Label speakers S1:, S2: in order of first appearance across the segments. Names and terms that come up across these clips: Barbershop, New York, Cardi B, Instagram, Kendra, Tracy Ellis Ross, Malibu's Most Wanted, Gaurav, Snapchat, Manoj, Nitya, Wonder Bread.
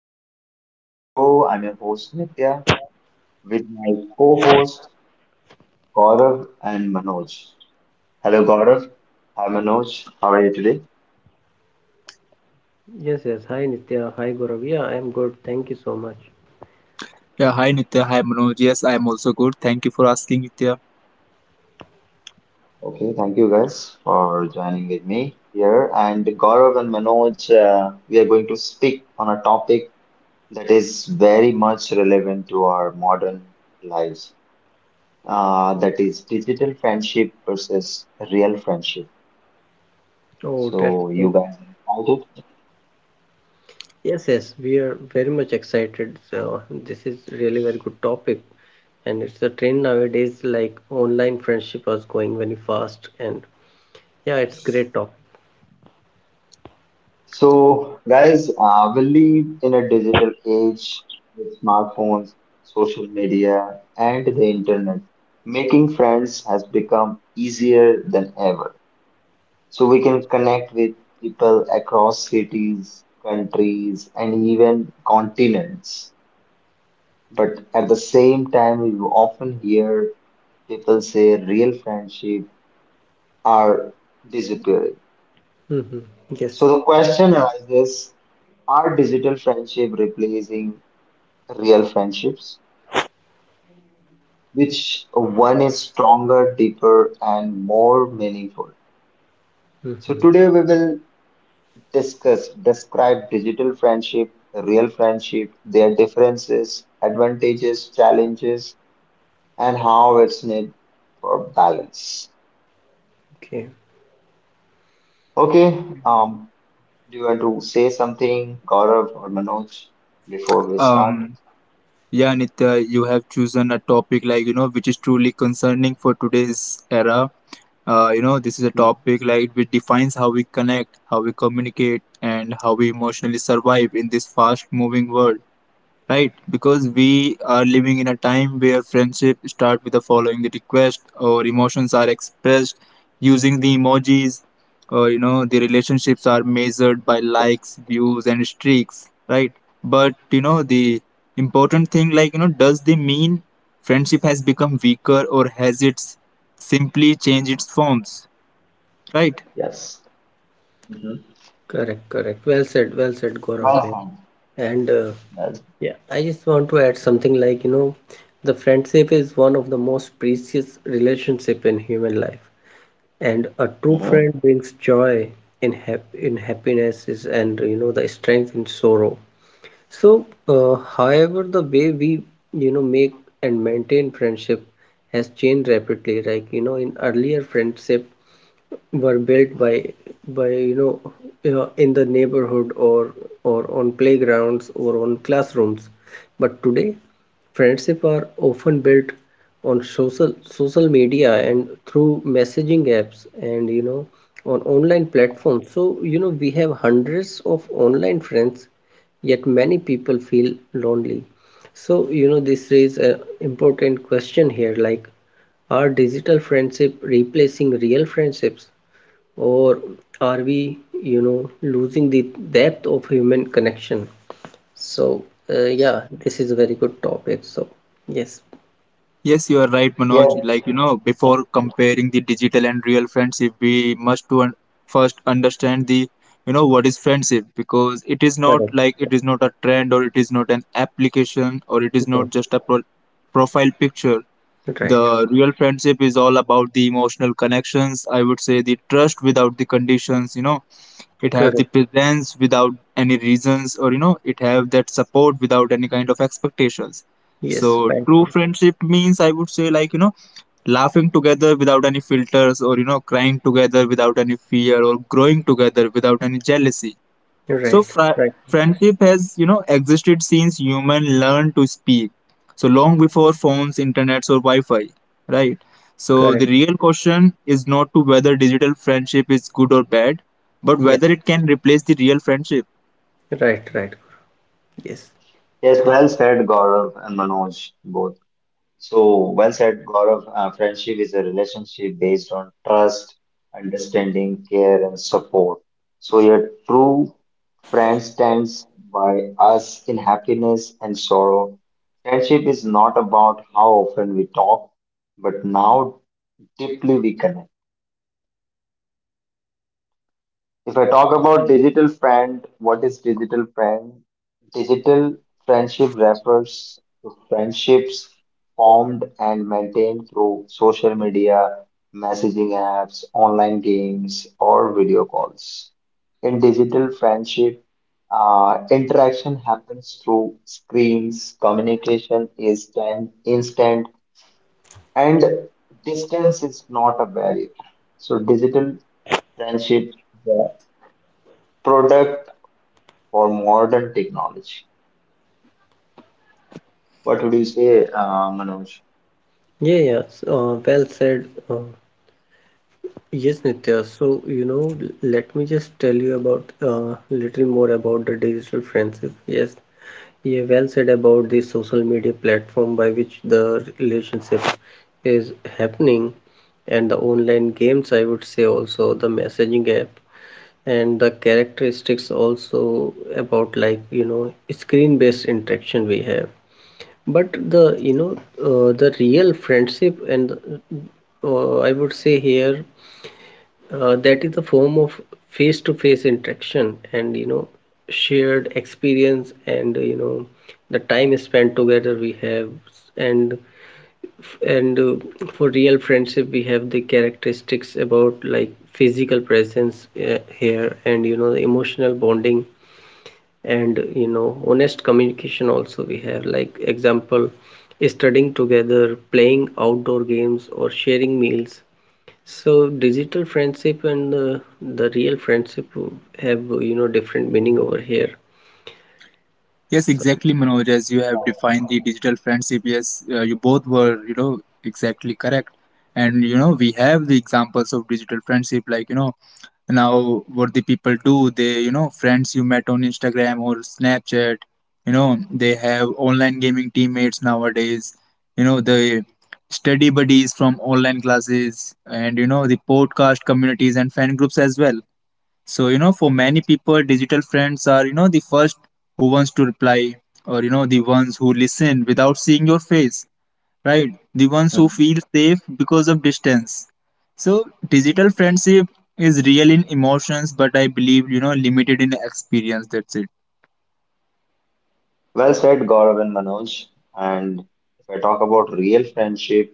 S1: welcome back to my show. I'm your host Nitya with my co-host Gaurav and Manoj. Hello Gaurav, hi Manoj, how are you today?
S2: Yes, yes. Hi Nitya. Hi Gaurav. Yeah, I am good. Thank you so much.
S3: Yeah, hi Nitya, hi Manoj. Yes, I am also good. Thank you for asking, Nitya.
S1: Okay, thank you guys for joining with me here. And Gaurav and Manoj, we are going to speak on a topic that is very much relevant to our modern lives. That is digital friendship versus real friendship.
S2: Oh, that's
S1: So
S2: great.
S1: you guys are excited?
S2: Yes, yes. We are very much excited. So this is really very good topic, and it's a trend nowadays. Like online friendship was going very fast, and yeah, it's great topic.
S1: So, guys, we live in a digital age with smartphones, social media, and the internet. Making friends has become easier than ever. So, we can connect with people across cities, countries, and even continents. But at the same time, you often hear people say real friendship are disappearing.
S2: Mm-hmm. Yes.
S1: So the question arises, are digital friendship replacing real friendships? Which one is stronger, deeper, and more meaningful? So
S2: Mm-hmm.
S1: today we will discuss, describe digital friendship, real friendship, their differences, advantages, challenges, and how it's needed for balance.
S2: Okay.
S1: Okay, do you want to say something, Gaurav or Manoj, before we start?
S3: Um, Yeah, Nitya, you have chosen a topic like, you know, which is truly concerning for today's era. You know, this is a
S1: Mm.
S3: topic like which defines how we connect, how we communicate, and how we emotionally survive in this fast moving world, right? Because we are living in a time where friendship start with the following the request, or emotions are expressed using the emojis, or you know the relationships are measured by likes, views, and streaks, right? But you know the important thing, like you know, does they mean friendship has become weaker, or has it simply changed its forms, right?
S1: Yes.
S2: Correct. Correct. Well said. Well said, Gaurav. Yeah.
S1: Well
S2: And
S1: said. Well
S2: Yeah, I just want to add something like, you know, the friendship is one of the most precious relationship in human life. And a true
S1: Mhm.
S2: friend brings joy in happinesses and you know the strength in sorrow. So, however, the way we you know make and maintain friendship has changed rapidly. Like you know, in earlier friendship, were built by you know in the neighborhood or on playgrounds or on classrooms, but today friendship are often built on social media and through messaging apps, and you know on online platforms. So you know we have hundreds of online friends, yet many people feel lonely. So you know this raises an important question here like, are digital friendship replacing real friendships, or are we you know losing the depth of human connection? So yeah, this is a very good topic. So yes.
S3: Yes, you are right, Manoj.
S1: Yes,
S3: Like, you know, before comparing the digital and real friendship, we must to first understand the, you know, what is friendship, because it is not
S2: Correct.
S3: like it is not a trend or it is not an application or it is
S2: Yes.
S3: not just a profile picture.
S2: Right.
S3: The real friendship is all about the emotional connections. I would say the trust without the conditions, you know, it have the
S2: Correct.
S3: presence without any reasons, or you know it have that support without any kind of expectations. So
S2: Yes. Right.
S3: true friendship means, I would say, like you know, laughing together without any filters, or you know crying together without any fear, or growing together without any jealousy. So
S2: Right. Right.
S3: friendship has, you know, existed since human learned to speak. So long before phones, internets, or Wi-Fi, right? So
S2: Correct.
S3: the real question is not to whether digital friendship is good or bad, but
S2: Yeah.
S3: whether it can replace the real friendship.
S2: Right. Right. Yes.
S1: yes, well said, Gaurav and Manoj, both. So, well said, Gaurav. Friendship is a relationship based on trust, understanding, care, and support. So, your true friend stands by us in happiness and sorrow. Friendship is not about how often we talk, but now deeply we connect. If I talk about digital friend, what is digital friend? Digital friendship refers to friendships formed and maintained through social media, messaging apps, online games, or video calls. In digital friendship, interaction happens through screens, communication is instant, and distance is not a barrier. So, digital friendship, the product for modern technology. What would you say, Manoj?
S2: Yeah, yeah. So, well said. Yes, Nitya. So, you know, let me just tell you about little more about the digital friendship. Yes, yeah, well said about the social media platform by which the relationship is happening, and the online games, I would say also the messaging app, and the characteristics also about like, you know, screen-based interaction we have. But the, you know, the real friendship and I would say here that is a form of face-to-face interaction, and you know shared experience, and you know the time spent together we have. And and For real friendship we have the characteristics about like physical presence here, and you know the emotional bonding, and you know honest communication also we have, like example, studying together, playing outdoor games, or sharing meals. So digital friendship and the real friendship have you know different meaning over here.
S3: Yes,
S2: So
S3: exactly, Manoj. As you have
S1: Yeah.
S3: defined the digital friendship, yes, you both were, you know, exactly correct. And you know, we have the examples of digital friendship, like you know, now what the people do, they, you know, friends you met on Instagram or Snapchat, you know, they have online gaming teammates nowadays. You know, the study buddies from online classes, and you know, the podcast communities and fan groups as well. So, you know, for many people, digital friends are, you know, the first who wants to reply, or, you know, the ones who listen without seeing your face, right? The ones who
S1: Mhm.
S3: feel safe because of distance. So, digital friendship is real in emotions, but I believe, you know, limited in experience. That's it.
S1: Well said, Gaurav and Manoj. And if I talk about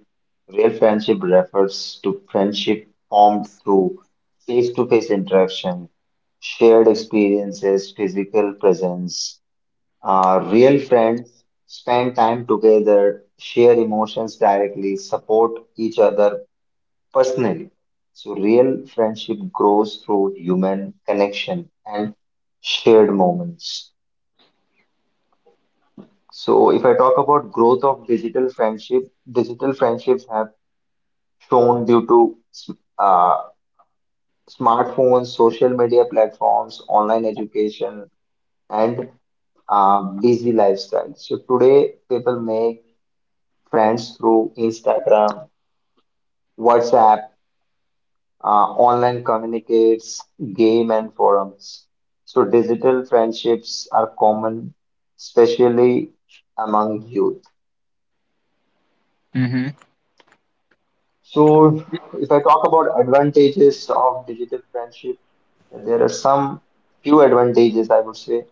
S1: real friendship refers to friendship formed through face-to-face interaction, shared experiences, physical presence. Real friends spend time together, share emotions directly, support each other personally. So, real friendship grows through human connection and shared moments. So, if I talk about growth of digital friendship, digital friendships have shown due to uh, smartphones, social media platforms, online education, and busy lifestyle. So, today people make friends through Instagram, WhatsApp, uh, online communicates, game and forums. So digital friendships are common, especially among youth. So if I talk about advantages of digital friendship, there are some few advantages I would say.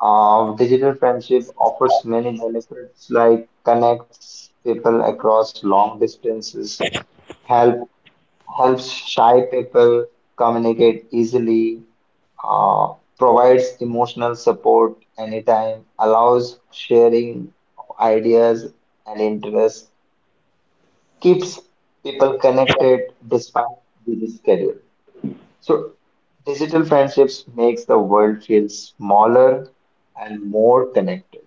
S1: Digital friendship offers many benefits like connects people across long distances, help helps shy people communicate easily, uh, provides emotional support anytime, allows sharing of ideas and interests, keeps people connected despite busy schedule. So digital friendships makes the world feel smaller and more connected.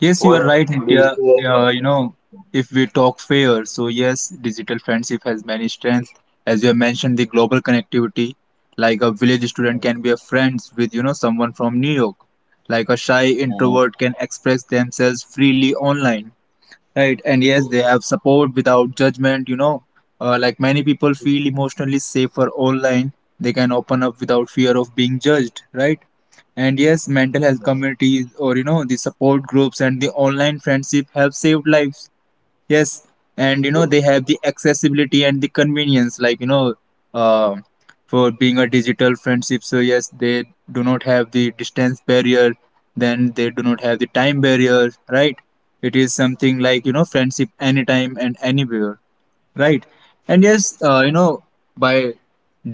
S3: Yes, you are
S1: What
S3: right,
S1: would you say?
S3: Nitya.
S1: About-
S3: You know, if we talk fair, so yes, digital friendship has many strengths. As you have mentioned, the global connectivity, like a village student can be a friends with, you know, someone from New York. Like a shy
S1: Mm,
S3: introvert can express themselves freely online. Right, and yes, they have support without judgment. You know, like many people feel emotionally safer online, they can open up without fear of being judged, right? And yes, mental health
S1: Yes.
S3: communities, or you know, the support groups and the online friendship have saved lives. Yes, and you
S1: Yes.
S3: know they have the accessibility and the convenience, like you know, uh, for being a digital friendship. So yes, they do not have the distance barrier. Then they do not have the time barrier, right? It is something like you know friendship anytime and anywhere, right? And yes, you know, by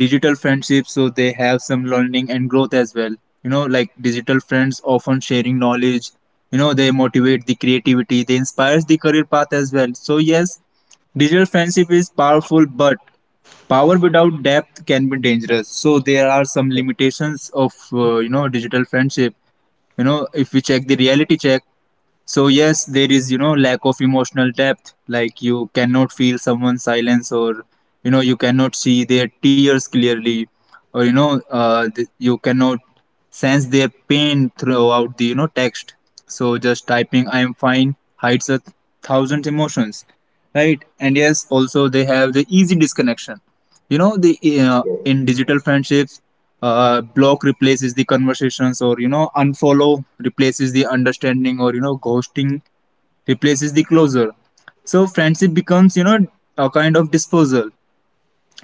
S3: digital friendships, so they have some learning and growth as well. You know, like digital friends often sharing knowledge, you know they motivate the creativity, they inspires the career path as well. So yes, digital friendship is powerful, but power without depth can be dangerous. So there are some limitations of you know digital friendship. You know, if we check the reality check, so yes, there is you know lack of emotional depth. Like you cannot feel someone's silence, or you know you cannot see their tears clearly, or you know you cannot sense their pain throughout the you know text. So just typing "I am fine" hides a thousand emotions, right? And yes, also they have the easy disconnection. You know the
S1: yes.
S3: in digital friendships, block replaces the conversations, or you know unfollow replaces the understanding, or you know ghosting replaces the closure. So friendship becomes you know a kind of disposal,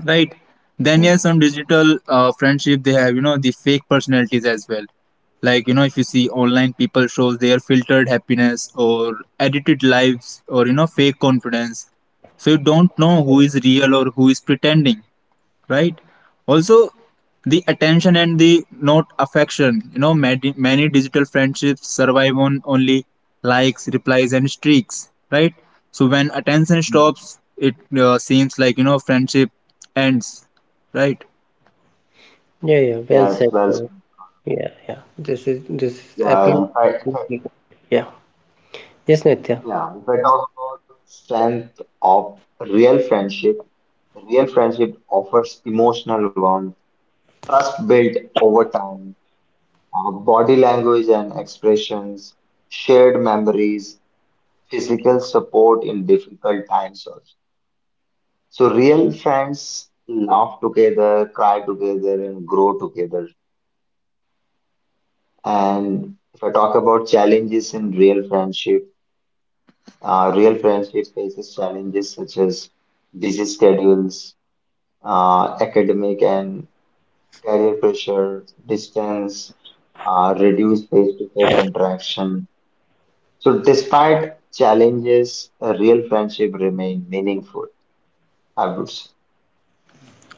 S3: right? Then yes,
S1: Mhm.
S3: on digital friendship they have you know the fake personalities as well. Like you know, if you see online people shows their filtered happiness, or edited lives, or you know fake confidence, so you don't know who is
S1: Yes.
S3: real or who is pretending, right? Also the attention and the not affection, you know, many digital friendships survive on only likes, replies and streaks, right? So when attention
S1: Mhm.
S3: stops, it seems like you know friendship ends, right?
S2: yeah, yeah, well said,
S1: Yes,
S2: Gaurav.
S1: well,
S2: Yeah, yeah. This is
S1: yeah, if I, if
S2: absolutely yeah. Yes, Nitya.
S1: Yeah, if I talk about strength of real friendship offers emotional warmth, trust built over time, body language and expressions, shared memories, physical support in difficult times also. So real friends laugh together, cry together, and grow together. And if I talk about challenges in real friendship faces challenges such as busy schedules, academic and career pressure, distance, reduced face-to-face interaction. So despite challenges, a real friendship remain meaningful, I would say.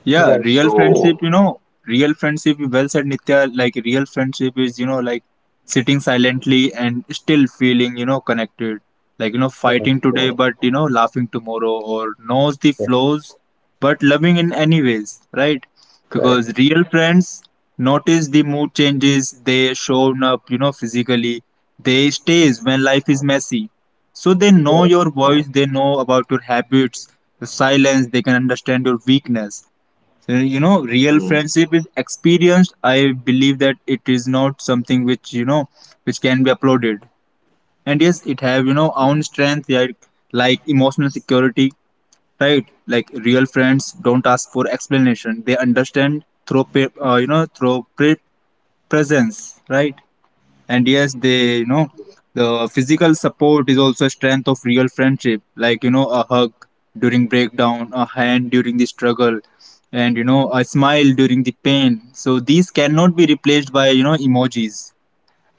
S3: Yeah,
S2: Right.
S3: real friendship,
S1: So,
S3: you know, real friendship, well said, Nitya. Like, real friendship is, you know, like sitting silently and still feeling, you know, connected. Like, you know,
S2: Correct.
S3: fighting today,
S1: yes,
S3: but, you know, laughing tomorrow, or knows the
S2: Yes.
S3: flaws, but loving in any ways, right?
S2: Correct.
S3: Because real friends notice the mood changes, they show up, you know, physically, they stays when
S1: uh,
S3: life is messy. So they know
S2: Correct.
S3: your
S1: uh,
S3: voice, they know about your habits, your silence, they can understand your weakness. So, you know, real
S1: mm,
S3: friendship is experienced, I believe that it is not something which you know which can be uploaded. And yes, it have you know
S1: mm,
S3: own strength, like emotional security, right? Like real friends don't ask for explanation, they understand through you know, through presence, right? And yes, they you know the physical support is also a strength of real friendship. Like you know, a hug during breakdown, a hand during the struggle, and you know a smile during the pain, so these cannot be replaced by you know emojis.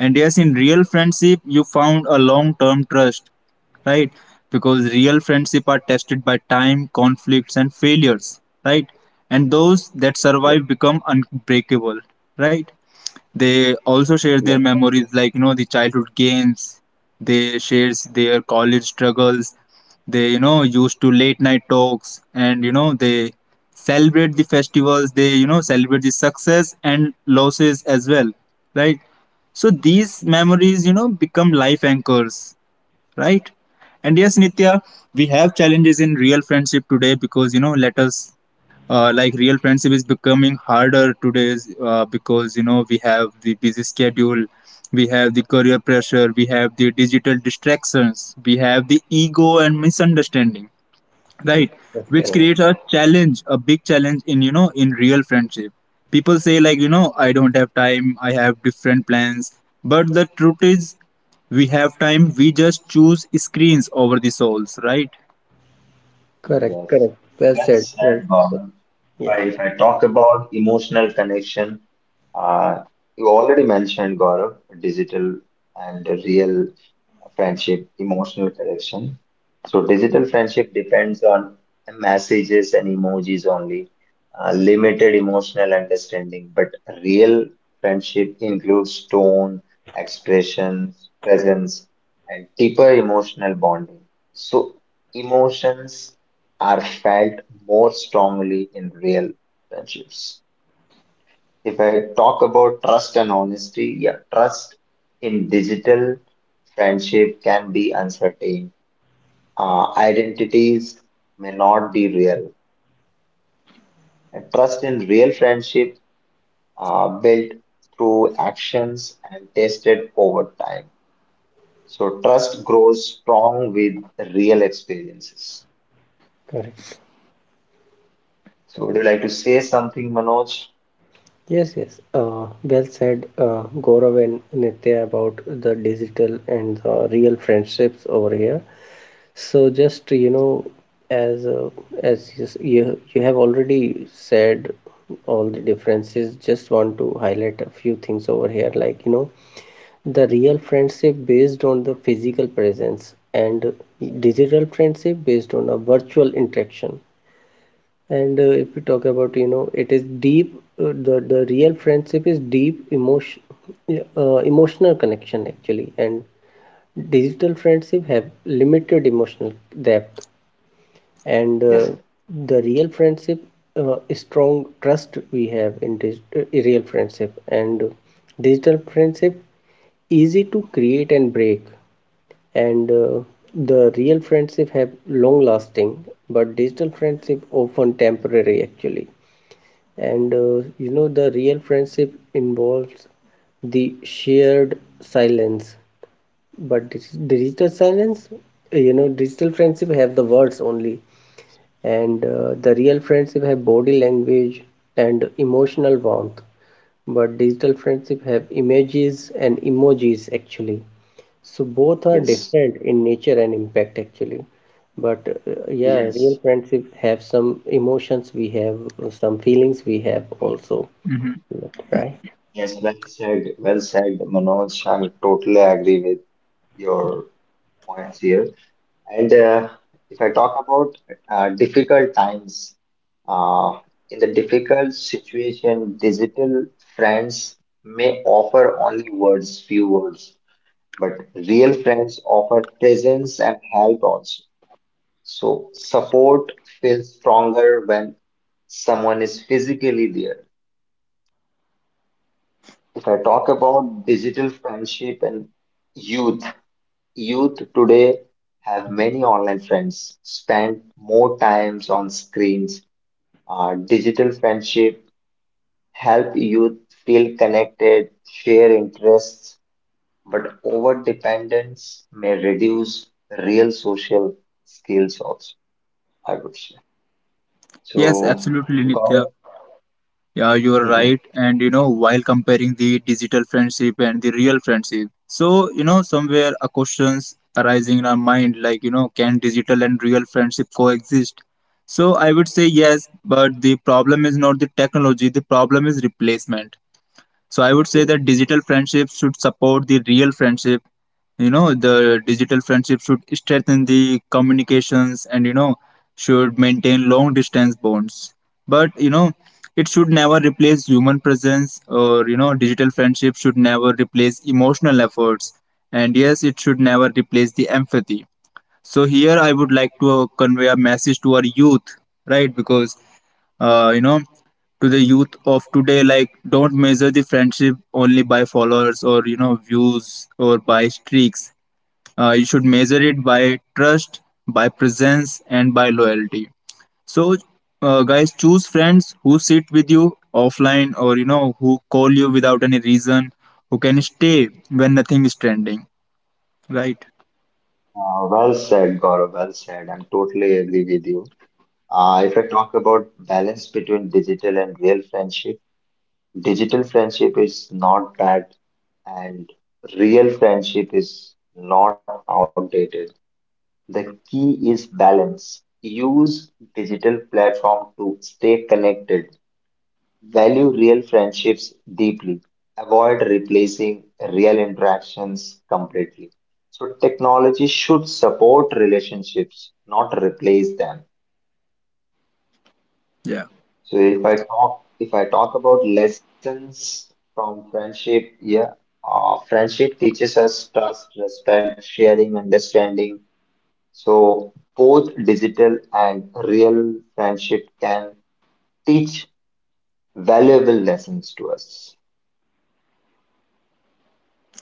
S3: And yes, in real friendship you found a long term trust, right? Because real friendship are tested by time, conflicts and failures, right? And those that
S1: yeah,
S3: survive become unbreakable, right? They also share
S1: yes,
S3: their memories, like you know, the childhood games. They shares their college struggles. They you know used to late night talks, and you know they celebrate the festivals. They you know celebrate the success and losses as well, right? So these memories, you know, become life anchors, right? And yes, Nitya, we have challenges in real friendship today, because you know, let us like real friendship is becoming harder today, because you know we have the busy schedule, we have the career pressure, we have the digital distractions, we have the ego and misunderstanding,
S2: Yes.
S3: right?
S2: Yes.
S3: Which
S2: Yes.
S1: yes,
S3: creates a challenge, a big challenge in you know in real friendship. People say like you know I don't have time, I have different plans, but the truth is we have time, we just choose screens over the souls, right?
S2: Correct.
S1: yes.
S2: Correct. Well
S1: Well
S2: said. Well
S1: said,
S2: said.
S1: Gaurav.
S2: Yeah.
S1: If I talk about emotional connection, uh, you already mentioned, Gaurav, digital and real friendship, emotional connection. So digital friendship depends on messages and emojis only, limited emotional understanding. But real friendship includes tone, expressions, presence, and deeper emotional bonding. So emotions are felt more strongly in real friendships. If I talk about trust and honesty, yeah, trust in digital friendship can be uncertain. Identities may not be real. And trust in real friendship built through actions and tested over time. So trust grows strong with real experiences.
S2: Correct.
S1: So would you like to say something, Manoj?
S2: Yes. Yes. Well said, Gaurav and Nitya, about the digital and the real friendships over here. So just you know, as uh, as you, you you have already said all the differences, just want to highlight a few things over here. Like you know, the real friendship based on the physical presence, and digital friendship based on a virtual interaction. And if we talk about you know, it is deep. The real friendship is deep emotion, emotional connection actually, and digital friendship have limited emotional depth. And
S1: Yes,
S2: the real friendship, strong trust we have in this real friendship. And digital friendship easy to create and break. And the real friendship have long lasting, but digital friendship often temporary actually. And you know the real friendship involves the shared silence, but this digital silence, you know digital friendship have the words only. And the real friendship have body language and emotional warmth, but digital friendship have images and emojis actually. So both are
S1: yes,
S2: different in nature and impact actually. But yeah, real
S1: yes.
S2: friendship have some emotions we have, some feelings we have also. Right.
S1: Yes, well said, Manoj. I totally agree with your points here. And if I talk about difficult times, uh, in the difficult situation, digital friends may offer only words, few words, but real friends offer presence and help also. So support feels stronger when someone is physically there. If I talk about digital friendship and youth, youth today have many online friends, spend more times on screens. Digital friendship help youth feel connected, share interests, but over dependence may reduce real social skills also, I would say.
S3: Yes,
S1: So,
S3: absolutely, Nitya.
S1: Gaurav,
S3: Yeah, you're
S1: Mhm.
S3: right. And you know, while comparing the digital friendship and the real friendship, so you know, somewhere a questions arising in our mind like, you know, can digital and real friendship coexist? So I would say yes, but the problem is not the technology, the problem is replacement. So I would say that digital friendships should support the real friendship. You know, the digital friendship should strengthen the communications and, you know, should maintain long distance bonds. But, you know, it should never replace human presence, or, you know, digital friendship should never replace emotional efforts. And yes, it should never replace the empathy. So here I would like to convey a message to our youth, right? Because you know, to the youth of today, like don't measure the friendship only by followers, or you know views, or by streaks. You should measure it by trust, by presence and by loyalty. So guys, choose friends who sit with you offline, or you know who call you without any reason, who can stay when nothing is trending, right?
S1: Well said, Gaurav, well said. I'm totally agree with you. If I talk about balance between digital and real friendship, digital friendship is not bad and real friendship is not outdated. The key is balance. Use digital platform to stay connected. Value real friendships deeply. Avoid replacing real interactions completely. So technology should support relationships, not replace them.
S3: Yeah,
S1: So if I talk about lessons from friendship, friendship teaches us trust, respect, sharing, understanding. So both digital and real friendship can teach valuable lessons to us.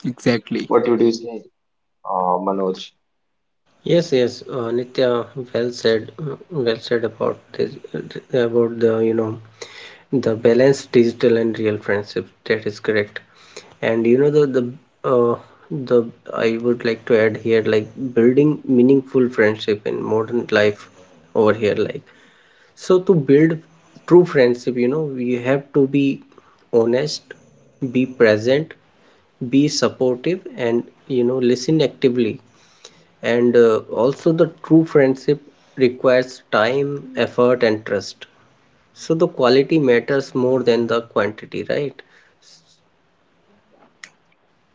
S3: exactly.
S1: What would you say, Manoj?
S2: Yes, yes, Nitya, well said, mm, well said about this, about the, you know, the balance digital and real friendship. That is correct. And you know uh, the I would like to add here like building meaningful friendship in modern life over here like, so to build true friendship you know we have to be honest, be present, be supportive, and you know listen actively. And also the true friendship requires time, effort, and trust. So the quality matters more than the quantity, right?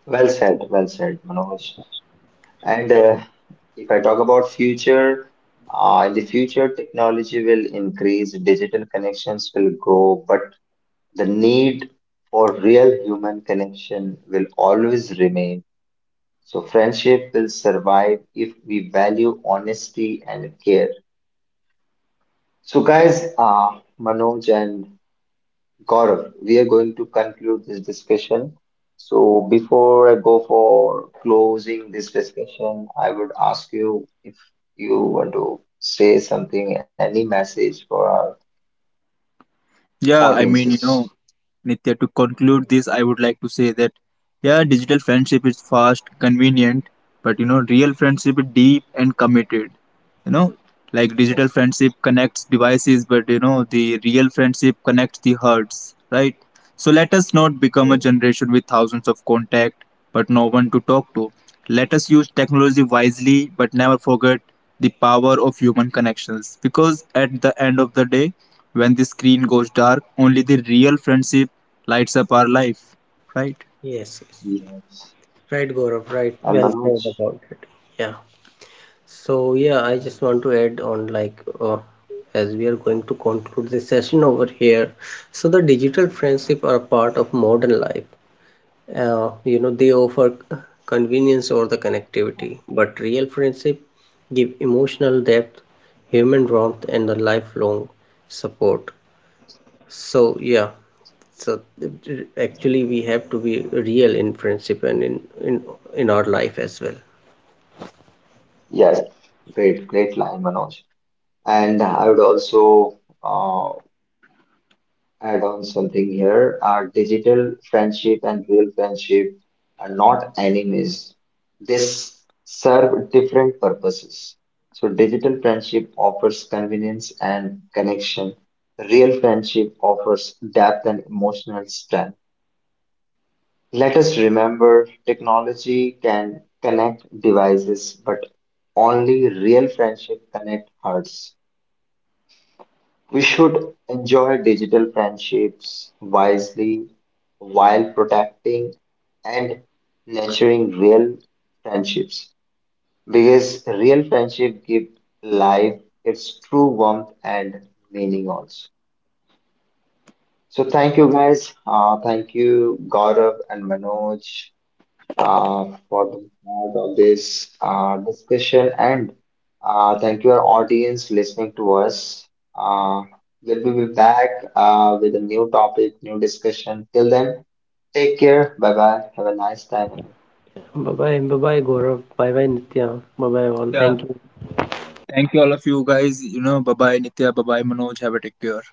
S1: Well said, Manoj. And if I talk about future, in the future, technology will increase, digital connections will grow, but the need for real human connection will always remain. So, friendship will survive if we value honesty and care. So, guys, Manoj and Gaurav, we are going to conclude this discussion. So, before I go for closing this discussion, I would ask you if you want to say something, any message for our
S3: You know,
S1: audiences.
S3: Nitya, to conclude this, I would like to say that, yeah, digital friendship is fast, convenient, but you know, real friendship is deep and committed. You know, like digital friendship connects devices, but you know, the real friendship connects the hearts, right? So let us not become a generation with thousands of contact, but no one to talk to. Let us use technology wisely, but never forget the power of human connections, because at the end of the day, when the screen goes dark, only the real friendship lights up our life, right?
S2: Yes, yes.
S1: Yes.
S2: Right, Gaurav, right.
S1: And
S2: Well said
S1: Manoj.
S2: about it. Yeah. So yeah, I just want to add on like as we are going to conclude this session over here. So the digital friendship are a part of modern life. You know, they offer convenience or the connectivity, but real friendship give emotional depth, human warmth, and the lifelong support. So yeah, so actually we have to be real in friendship and in our life as well.
S1: Yes, great, great line, Manoj. And I would also uh, add on something here. Digital friendship and real friendship are not enemies. They serve different purposes. So digital friendship offers convenience and connection. Real friendship offers depth and emotional strength. Let us remember technology can connect devices, but only real friendship connect hearts. We should enjoy digital friendships wisely while protecting and nurturing real friendships because real friendship give life its true warmth and meaning also. So thank you guys. Thank you Gaurav and Manoj for the part of this discussion and thank you our audience listening to us. Uh, we'll be back with a new topic, new discussion. Till then, take care. Bye bye. Have a nice time.
S2: Bye bye, bye bye, Gaurav. Bye bye, Nitya. Bye bye, all. Thank
S3: Yeah.
S2: you.
S3: Thank you all of you guys. You know, bye bye Nitya, bye bye Manoj. Have a take care.